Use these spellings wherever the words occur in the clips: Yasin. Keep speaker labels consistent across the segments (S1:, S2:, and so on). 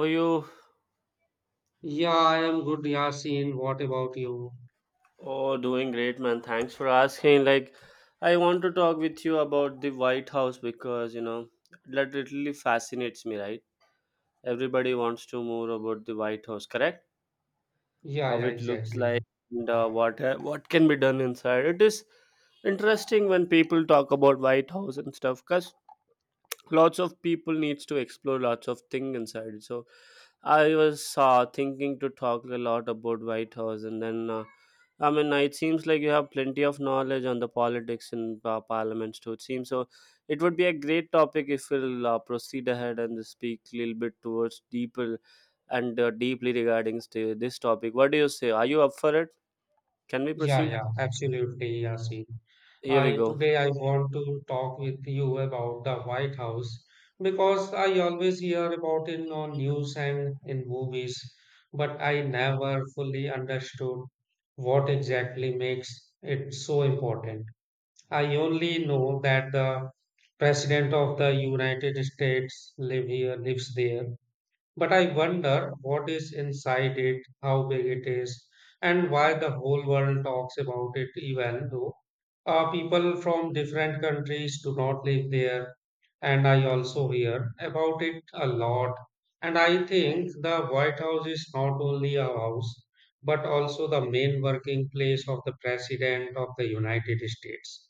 S1: How are you?
S2: Yeah, I am good, Yasin. What about you?
S1: Oh, doing great, man. Thanks for asking. I want to talk with you about the White House because, that literally fascinates me, right? Everybody wants to more about the White House, correct?
S2: Yeah,
S1: How
S2: yeah,
S1: it looks
S2: exactly.
S1: like and what can be done inside. It is interesting when people talk about White House and stuff, cause lots of people needs to explore lots of thing inside so I was thinking to talk a lot about white house and then I mean it seems like you have plenty of knowledge on the politics and parliaments too it seems so it would be a great topic if we'll proceed ahead and speak a little bit towards deeper and deeply regarding this topic. What do you say, are you up for it, can we
S2: Yeah,
S1: proceed?
S2: yeah, absolutely, Yasin.
S1: Here we
S2: I
S1: go.
S2: today I want to talk with you about the White House because I always hear about it on news and in movies, but I never fully understood what exactly makes it so important. I only know that the President of the United States live here, lives there, but I wonder what is inside it, how big it is, and why the whole world talks about it, even though people from different countries do not live there. And I also hear about it a lot. And I think the White House is not only a house, but also the main working place of the President of the United States,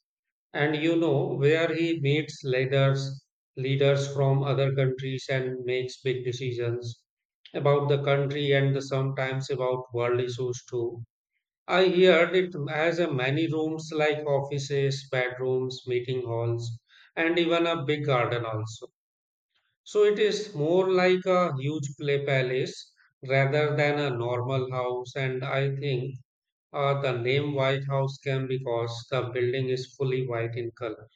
S2: and you know, where he meets leaders from other countries and makes big decisions about the country and the sometimes about world issues too. I heard it has a many rooms like offices, bedrooms, meeting halls, and even a big garden also. So it is more like a huge play palace rather than a normal house. And I think the name White House came because the building is fully white in color.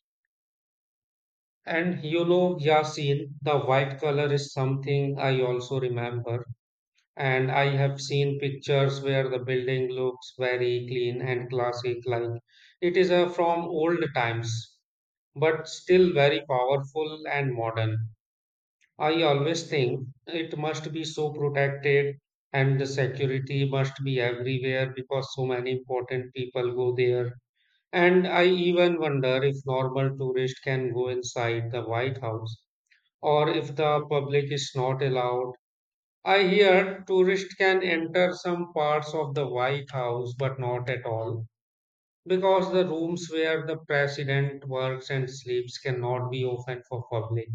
S2: And you know, Yasin, the white color is something I also remember. And I have seen pictures where the building looks very clean and classic, like it is from old times, but still very powerful and modern. I always think it must be so protected, and the security must be everywhere because so many important people go there. And I even wonder if normal tourists can go inside the White House or if the public is not allowed. I hear tourists can enter some parts of the White House, but not at all, because the rooms where the president works and sleeps cannot be open for public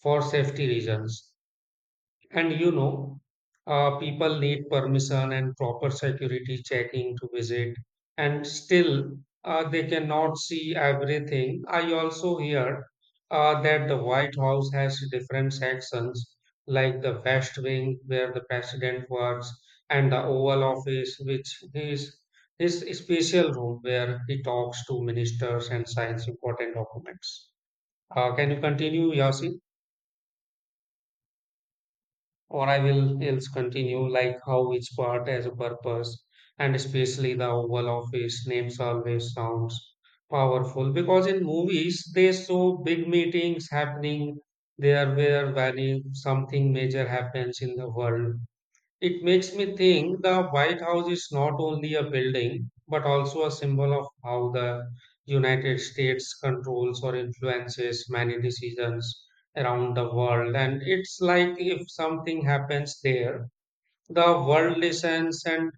S2: for safety reasons. And you know, people need permission and proper security checking to visit, and still they cannot see everything. I also hear that the White House has different sections, like the West Wing, where the president works, and the Oval Office, which is his special room where he talks to ministers and signs important documents. Can you continue, Yasin? Or I will else continue like how each part has a purpose, and especially the Oval Office names always sounds powerful because in movies they show big meetings happening there where when something major happens in the world. It makes me think the White House is not only a building, but also a symbol of how the United States controls or influences many decisions around the world. And it's like if something happens there, the world listens, and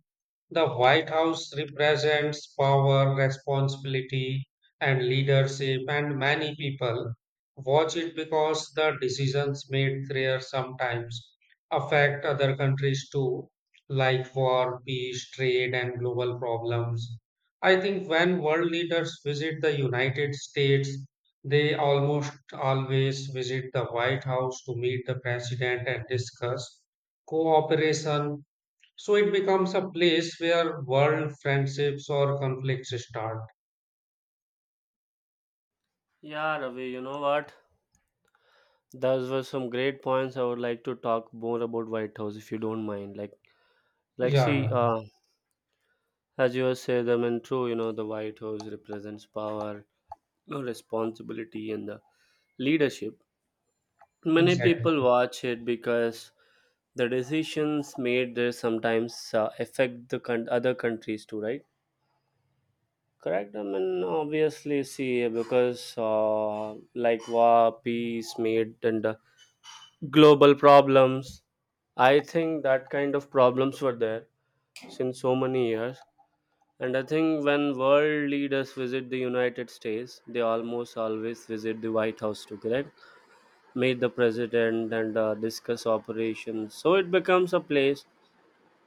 S2: the White House represents power, responsibility, and leadership, and many people watch it because the decisions made there sometimes affect other countries too, like war, peace, trade, and global problems. I think when world leaders visit the United States, they almost always visit the White House to meet the president and discuss cooperation, so it becomes a place where world friendships or conflicts start.
S1: Yeah, Ravi, you know what, those were some great points. I would like to talk more about White House if you don't mind. Like
S2: Yeah,
S1: see,
S2: yeah,
S1: as you said, I mean, true. You know, the White House represents power, you know, responsibility, and the leadership. Many
S2: exactly.
S1: people watch it because the decisions made there sometimes affect the other countries too, right? Correct. I mean, obviously, see, because like war, peace made, and global problems. I think that kind of problems were there since so many years. And I think when world leaders visit the United States, they almost always visit the White House to correct, meet the president and discuss operations. So it becomes a place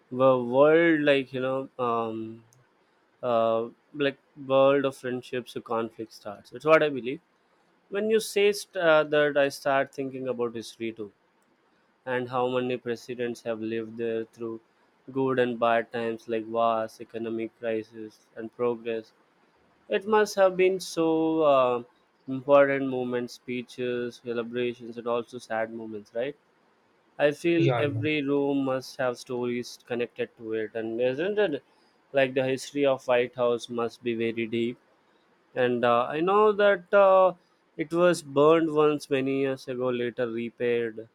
S1: where world, uh, like world of friendships, or conflict starts. It's what I believe. When you say that, I start thinking about history too and how many presidents have lived there through good and bad times like wars, economic crisis, and progress. It must have been so important moments, speeches, celebrations, and also sad moments, right? I feel
S2: Yeah, yeah,
S1: every room must have stories connected to it, and isn't it like the history of White House must be very deep? And I know that it was burned once many years ago, later repaired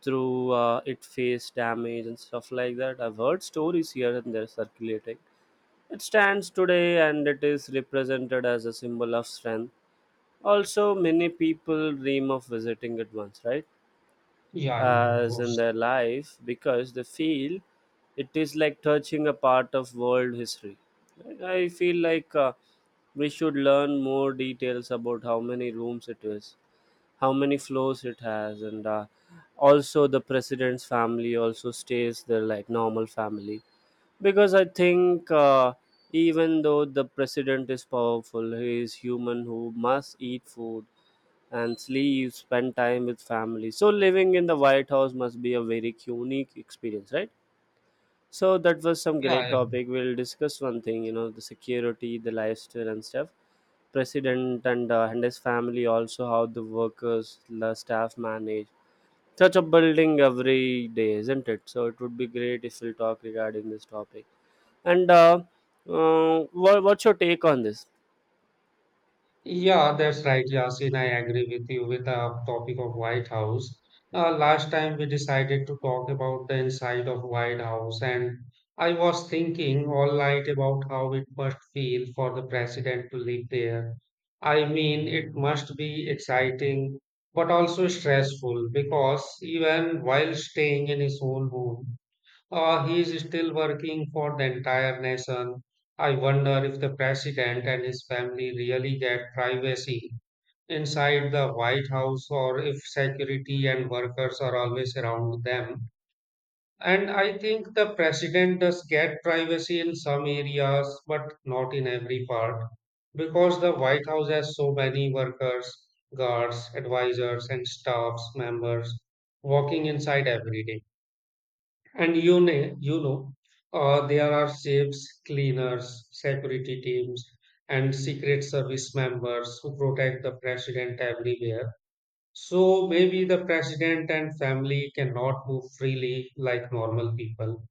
S1: through it face damage and stuff like that. I've heard stories here and there circulating. It stands today and it is represented as a symbol of strength. Also, many people dream of visiting it once, right?
S2: yeah, yeah, of
S1: As in
S2: course.
S1: their life, because they feel it is like touching a part of world history. I feel like we should learn more details about how many rooms it is, how many floors it has, and also the president's family also stays there like normal family because I think even though the president is powerful, he is human who must eat food and sleep, spend time with family. So living in the white house must be a very unique experience, right? So that was some
S2: Yeah,
S1: great
S2: yeah.
S1: topic. We'll discuss one thing, you know, the security, the lifestyle and stuff, president and his family also, how the workers, the staff manage such a building every day, isn't it? So it would be great if we'll talk regarding this topic and what's your take on this?
S2: Yeah, that's right, Yasin. I agree with you with the topic of White House. Last time we decided to talk about the inside of White House, and I was thinking all night about how it must feel for the president to live there. I mean, it must be exciting, but also stressful because even while staying in his own home, he is still working for the entire nation. I wonder if the president and his family really get privacy inside the White House or if security and workers are always around them. And I think the president does get privacy in some areas, but not in every part, because the White House has so many workers, guards, advisors, and staffs members walking inside every day. And you know, there are chefs, cleaners, security teams, and secret service members who protect the president everywhere. So maybe the president and family cannot move freely like normal people.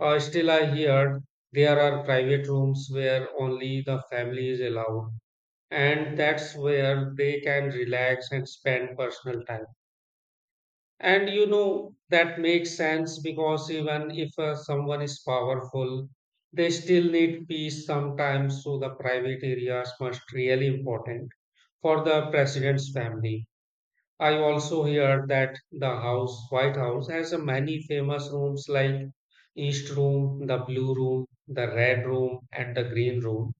S2: Still, I heard there are private rooms where only the family is allowed, and that's where they can relax and spend personal time. And you know, that makes sense because even if someone is powerful, they still need peace sometimes, so the private areas must really important for the president's family. I also hear that the house, White House, has a many famous rooms like East Room, the Blue Room, the Red Room, and the Green Room,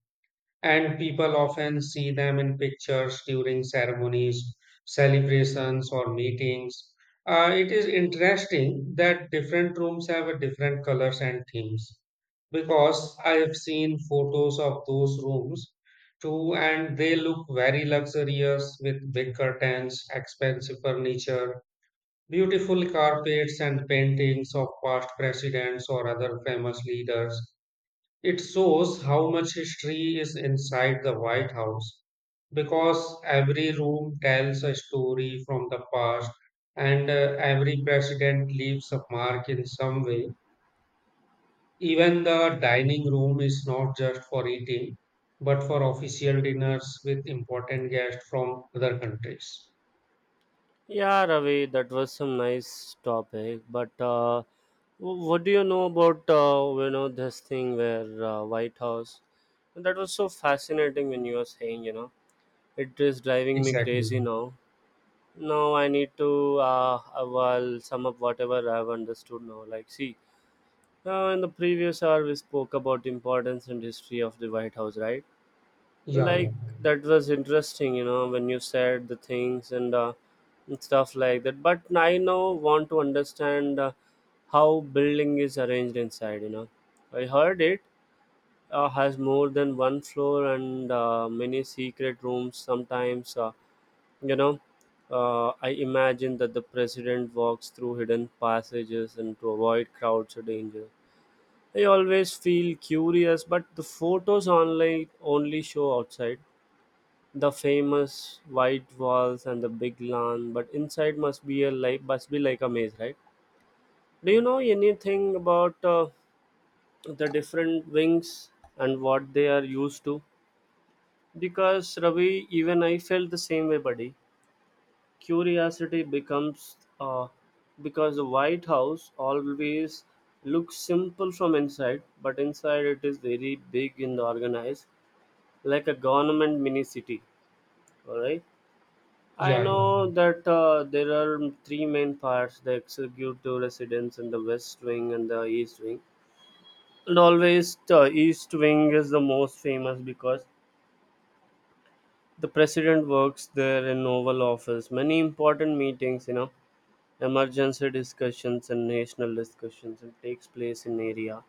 S2: and people often see them in pictures during ceremonies, celebrations, or meetings. It is interesting that different rooms have a different colors and themes because I have seen photos of those rooms too, and they look very luxurious with big curtains, expensive furniture, beautiful carpets, and paintings of past presidents or other famous leaders. It shows how much history is inside the White House because every room tells a story from the past, and every president leaves a mark in some way. Even the dining room is not just for eating, but for official dinners with important guests from other countries.
S1: Yeah, Ravi, that was some nice topic, but what do you know about you know this thing where white house? And that was so fascinating when you were saying, you know, it is driving me
S2: Exactly.
S1: crazy now. Now I need to well sum up whatever I've understood now. Like see, in the previous hour, we spoke about importance and history of the White House, right?
S2: Yeah,
S1: Like
S2: yeah.
S1: that was interesting, you know, when you said the things and stuff like that. But I now want to understand how building is arranged inside. You know, I heard it has more than one floor and many secret rooms. Sometimes, you know, I imagine that the president walks through hidden passages and to avoid crowds or danger. I always feel curious, but the photos online only show outside the famous white walls and the big lawn, but inside must be a like must be like a maze, right? Do you know anything about the different wings and what they are used to? Because Ravi, even I felt the same way, buddy. Curiosity becomes because the White House always looks simple from inside, but inside it is very big and organized like a government mini city. All right, I
S2: Yeah, yeah.
S1: know that there are three main parts, the executive residence and the west wing and the east wing. And always the east wing is the most famous because the president works there in oval office. Many important meetings, you know, emergency discussions and national discussions and takes place in area.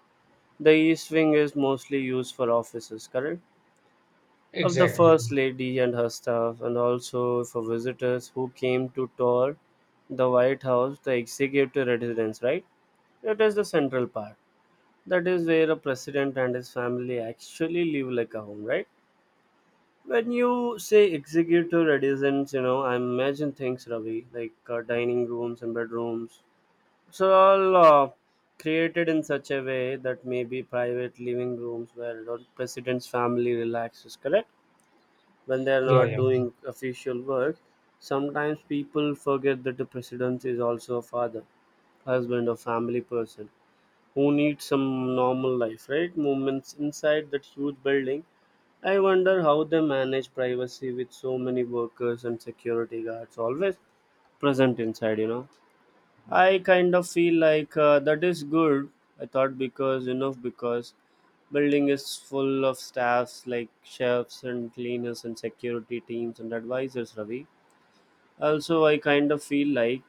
S1: The east wing is mostly used for offices, correct, of the
S2: Exactly.
S1: First Lady and her staff, and also for visitors who came to tour the White House, the executive residence, right? It is the central part. That is where a president and his family actually live like a home, right? When you say executive residence, you know, I imagine things, Ravi, like dining rooms and bedrooms. So all created in such a way that maybe private living rooms where the president's family relaxes, correct, when they are
S2: Yeah,
S1: not
S2: yeah.
S1: doing official work. Sometimes people forget that the president is also a father, husband, or family person who needs some normal life, right? Moments inside that huge building. I wonder how they manage privacy with so many workers and security guards always present inside, you know. I kind of feel like that is good. I thought because enough because building is full of staffs like chefs and cleaners and security teams and advisors, Ravi. Also, I kind of feel like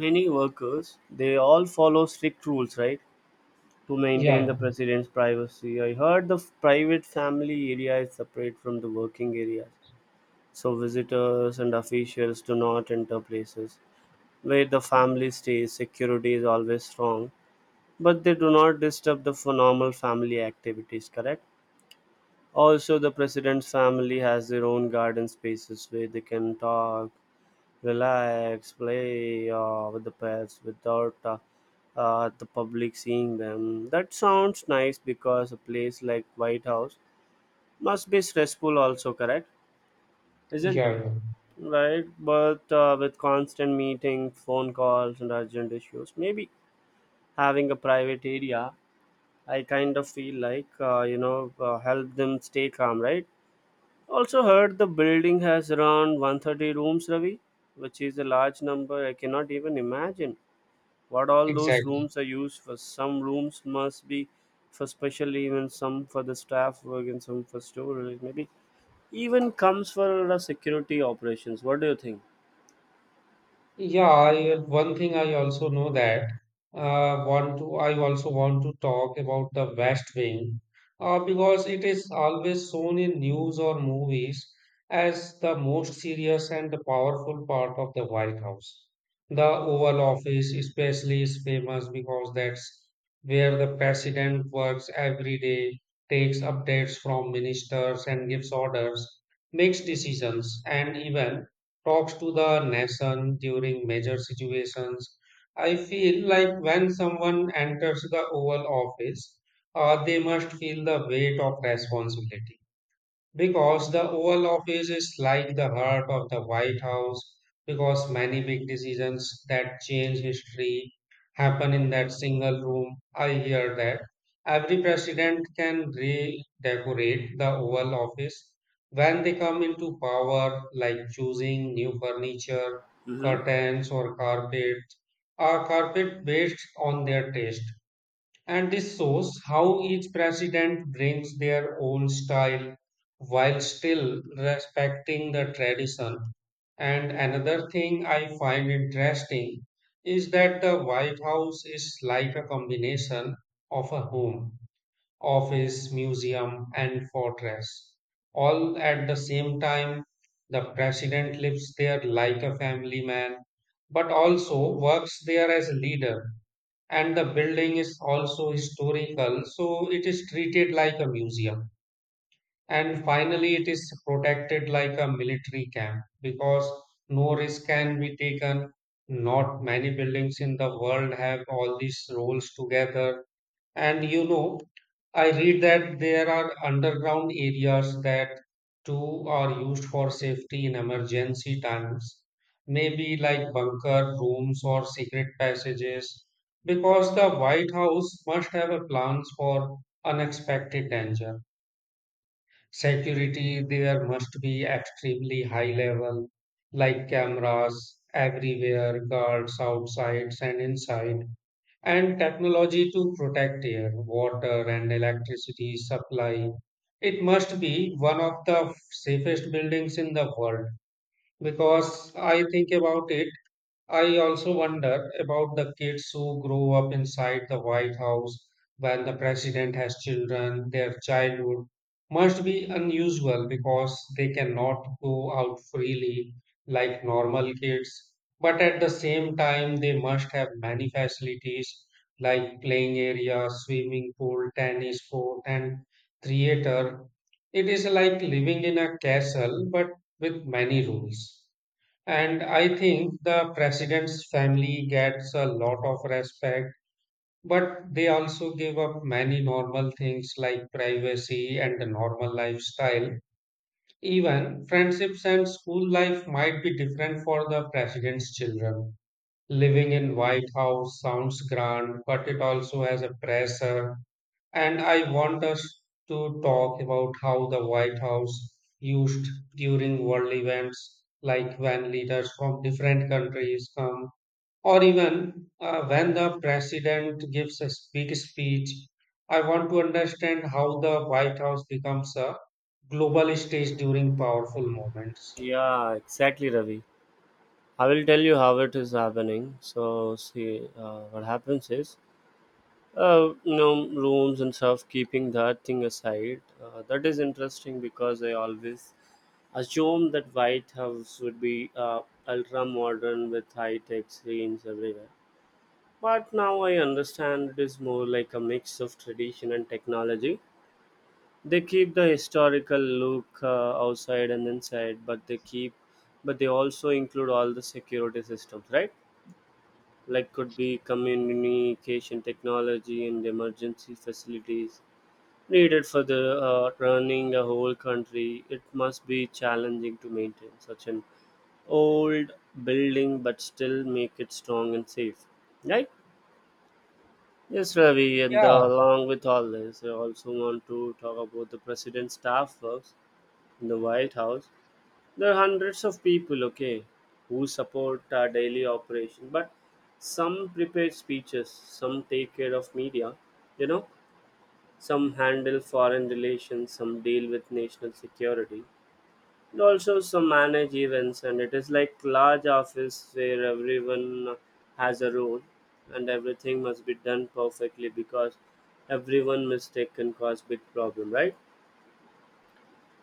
S1: many workers, they all follow strict rules, right, to
S2: Yeah,
S1: maintain the
S2: yeah.
S1: president's privacy. I heard the private family area is separate from the working areas, so visitors and officials do not enter places where the family stays. Security is always strong, but they do not disturb the for normal family activities, correct. Also, the president's family has their own garden spaces where they can talk, relax, play with the pets without the public seeing them. That sounds nice because a place like white house must be stressful also, correct, isn't
S2: Yeah,
S1: it,
S2: yeah.
S1: right? But with constant meeting phone calls and urgent issues, maybe having a private area, I kind of feel like, help them stay calm, right? Also, heard the building has around 130 rooms, Ravi, which is a large number. I cannot even imagine what all those
S2: Exactly.
S1: rooms are used for. Some rooms must be for special events, some for the staff work, and some for storage. Maybe even comes for the security operations. What do you think?
S2: One thing I also know that want to I also want to talk about the West Wing, because it is always shown in news or movies as the most serious and the powerful part of the White House. The Oval Office especially is famous because that's where the president works every day, takes updates from ministers and gives orders, makes decisions, and even talks to the nation during major situations. I feel like when someone enters the Oval Office, they must feel the weight of responsibility. Because the Oval Office is like the heart of the White House, because many big decisions that change history happen in that single room. I hear that every president can redecorate the Oval Office when they come into power, like choosing new furniture,
S1: Mm-hmm.
S2: curtains, or carpet based on their taste. And this shows how each president brings their own style while still respecting the tradition. And another thing I find interesting is that the White House is like a combination of a home, office, museum, and fortress. All at the same time, the president lives there like a family man, but also works there as a leader, and the building is also historical, so it is treated like a museum. And finally, it is protected like a military camp because no risk can be taken. Not many buildings in the world have all these roles together. And you know, I read that there are underground areas that too are used for safety in emergency times, maybe like bunker rooms or secret passages, because the White House must have a plans for unexpected danger. Security there must be extremely high level, like cameras everywhere, guards outside and inside, and technology to protect air, water, and electricity supply. It must be one of the safest buildings in the world because I think about it. I also wonder about the kids who grow up inside the White House when the president has children. Their childhood must be unusual because they cannot go out freely like normal kids. But at the same time, they must have many facilities like playing area, swimming pool, tennis court, and theater. It is like living in a castle but with many rules. And I think the president's family gets a lot of respect, but they also give up many normal things like privacy and a normal lifestyle. Even friendships and school life might be different for the president's children. Living in White House sounds grand, but it also has a pressure, and I want us to talk about how the White House used during world events, like when leaders from different countries come, or even when the president gives a big speech. I want to understand how the White House becomes a global stage during powerful moments.
S1: Yeah, exactly, Ravi. I will tell you how it is happening. So, see, what happens is you know rooms and stuff keeping that thing aside, that is interesting because I always assume that white house would be ultra modern with high tech screens everywhere. But now I understand it is more like a mix of tradition and technology. They keep the historical look outside and inside, but they keep, but they also include all the security systems, right, like could be communication technology and emergency facilities needed for the running the whole country. It must be challenging to maintain such an old building, but still make it strong and safe, right? Yes, Ravi, and
S2: Yeah,
S1: along with all this, I also want to talk about the president's staff works in the White House. There are hundreds of people, okay, who support our daily operation, but some prepare speeches, some take care of media, you know, some handle foreign relations, some deal with national security, and also some manage events. And it is like large office where everyone has a role, and everything must be done perfectly because everyone mistake can cause big problem, right?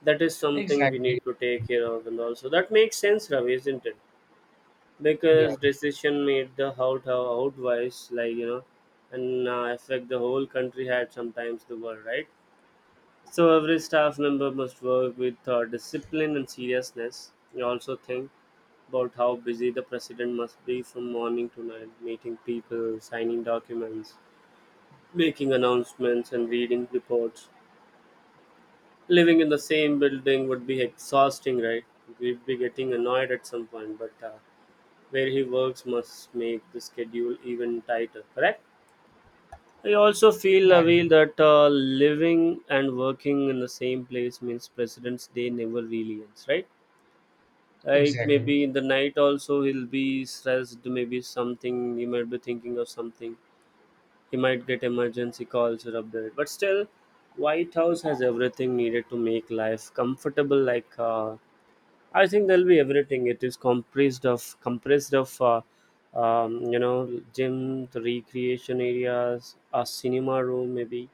S1: That is something we
S2: exactly.
S1: need to take care of, and also that makes sense, Ravi, isn't it?
S2: Yeah,
S1: Because decision made the out wise, like you know, and affect the whole country had sometimes the world, right? So every staff member must work with discipline and seriousness. You also think about how busy the president must be from morning to night, meeting people, signing documents, making announcements, and reading reports. Living in the same building would be exhausting, right? We'd be getting annoyed at some point, but where he works must make the schedule even tighter, correct? I also feel
S2: yeah,
S1: away
S2: yeah,
S1: that living and working in the same place means President's Day never really ends, right? Like
S2: exactly.
S1: maybe in the night also he'll be stressed, maybe something he might be thinking of something. He might get emergency calls or update. But still, White House has everything needed to make life comfortable. Like I think there'll be everything. It is compressed of you know gym, the recreation areas, a cinema room, maybe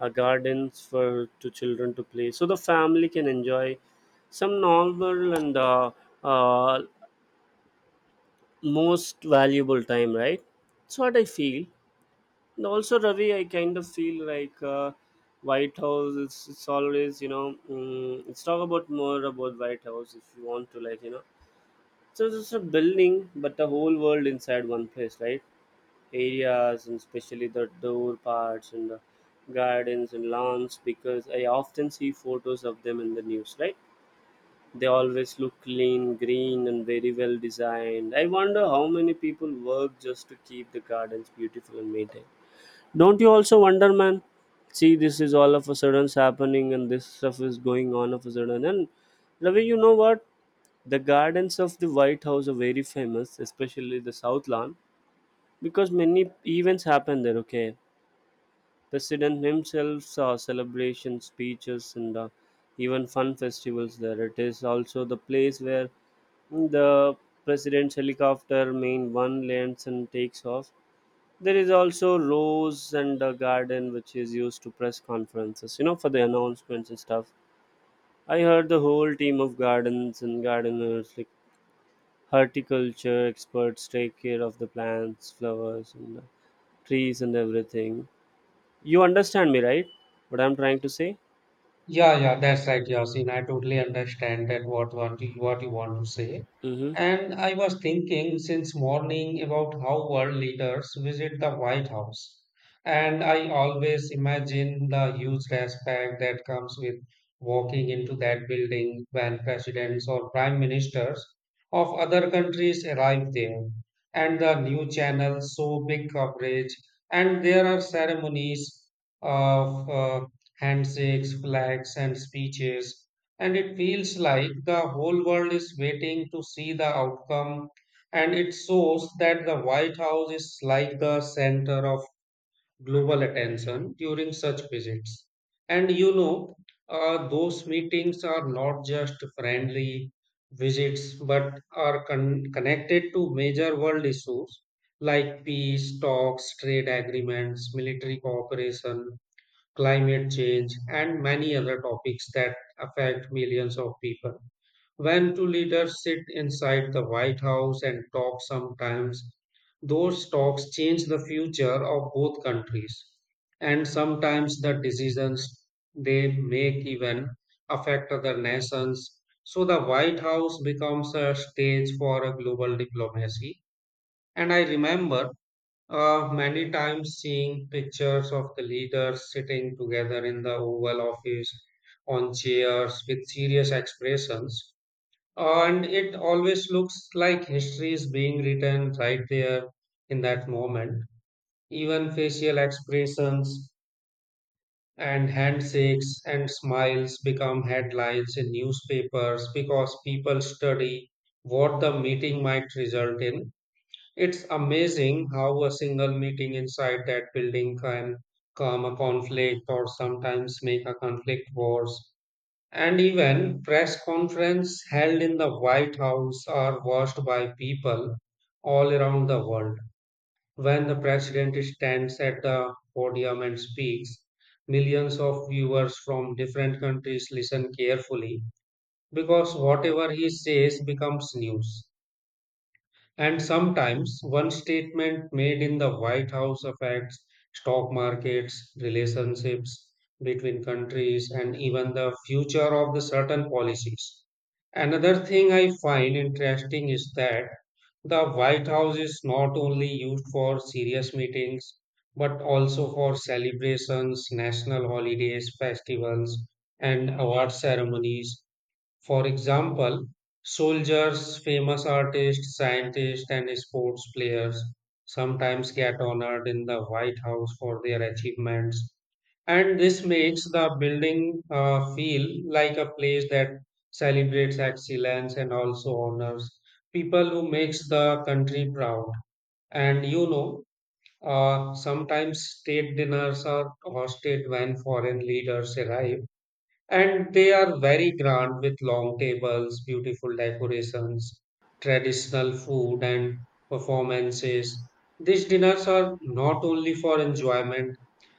S1: a gardens for to children to play, so the family can enjoy some normal and uh, most valuable time, right? That's what I feel. And also Ravi, I kind of feel like white house it's always, you know, let's talk about more about white house if you want to, like you know. So it's just a building, but the whole world inside one place, right? Areas and especially the door parts and the gardens and lawns, because I often see photos of them in the news, right? They always look clean, green, and very well designed. I wonder how many people work just to keep the gardens beautiful and maintained. Don't you also wonder, man? See, this is all of a sudden's happening, and this stuff is going on of a sudden. And Ravi, you know what, the gardens of the White House are very famous, especially the South Lawn, because many events happen there, okay, president himself saw celebrations, speeches, and even fun festivals there. It is also the place where the president's helicopter main one lands and takes off. There is also rose and a garden which is used to press conferences, you know, for the announcements and stuff. I heard the whole team of gardens and gardeners like horticulture experts take care of the plants, flowers, and trees and everything. You understand me, right, what I'm trying to say?
S2: Yeah, yeah, that's right, Yasin. I totally understand that what you want to say.
S1: Mm-hmm.
S2: And I was thinking since morning about how world leaders visit the White House. And I always imagine the huge respect that comes with walking into that building when presidents or prime ministers of other countries arrive there. And the new channels show big coverage, and there are ceremonies of handshakes, flags, and speeches, and it feels like the whole world is waiting to see the outcome, and it shows that the White House is like the center of global attention during such visits. And you know, those meetings are not just friendly visits, but are connected to major world issues like peace talks, trade agreements, military cooperation, climate change, and many other topics that affect millions of people. When two leaders sit inside the White House and talk sometimes, those talks change the future of both countries. And sometimes the decisions they make even affect other nations. So the White House becomes a stage for a global diplomacy. And I remember many times seeing pictures of the leaders sitting together in the Oval Office on chairs with serious expressions. And it always looks like history is being written right there in that moment. Even facial expressions and handshakes and smiles become headlines in newspapers because people study what the meeting might result in. It's amazing how a single meeting inside that building can calm a conflict or sometimes make a conflict worse. And even press conferences held in the White House are watched by people all around the world. When the president stands at the podium and speaks, millions of viewers from different countries listen carefully because whatever he says becomes news. And sometimes one statement made in the White House affects stock markets, relationships between countries, and even the future of the certain policies. Another thing I find interesting is that the White House is not only used for serious meetings, but also for celebrations, national holidays, festivals, and award ceremonies. For example, soldiers, famous artists, scientists, and sports players sometimes get honored in the White House for their achievements. And this makes the building feel like a place that celebrates excellence and also honors people who makes the country proud. And you know, sometimes state dinners are hosted when foreign leaders arrive, and they are very grand with long tables, beautiful decorations, traditional food, and performances. These dinners are not only for enjoyment,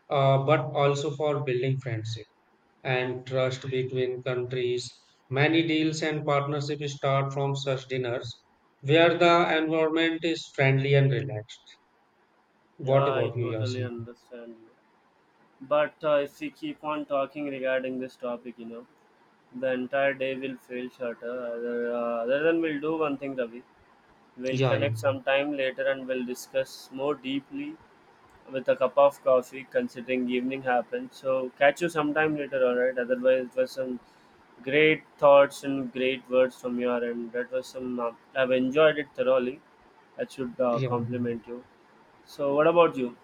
S2: but also for building friendship and trust between countries. Many deals and partnerships start from such dinners where the environment is friendly and relaxed. What
S1: Yeah, I
S2: about you,
S1: totally
S2: Yasin?
S1: understand you. But if we keep on talking regarding this topic, you know, the entire day will feel shorter, other than we'll do one thing, Ravi, we'll
S2: Yeah, yeah.
S1: connect sometime later and we'll discuss more deeply with a cup of coffee considering evening happened. So catch you sometime later, all right? Otherwise, it was some great thoughts and great words from your end. That was some. I've enjoyed it thoroughly. I should
S2: Yeah.
S1: compliment you. So, what about you?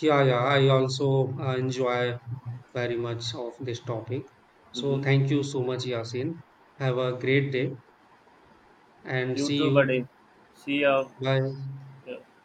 S2: Yeah, yeah, I also enjoy very much of this topic. So
S1: Mm-hmm.
S2: thank you so much, Yasin. Have a great day and
S1: You
S2: see
S1: too, buddy.
S2: you.
S1: See ya.
S2: Bye.
S1: Yeah.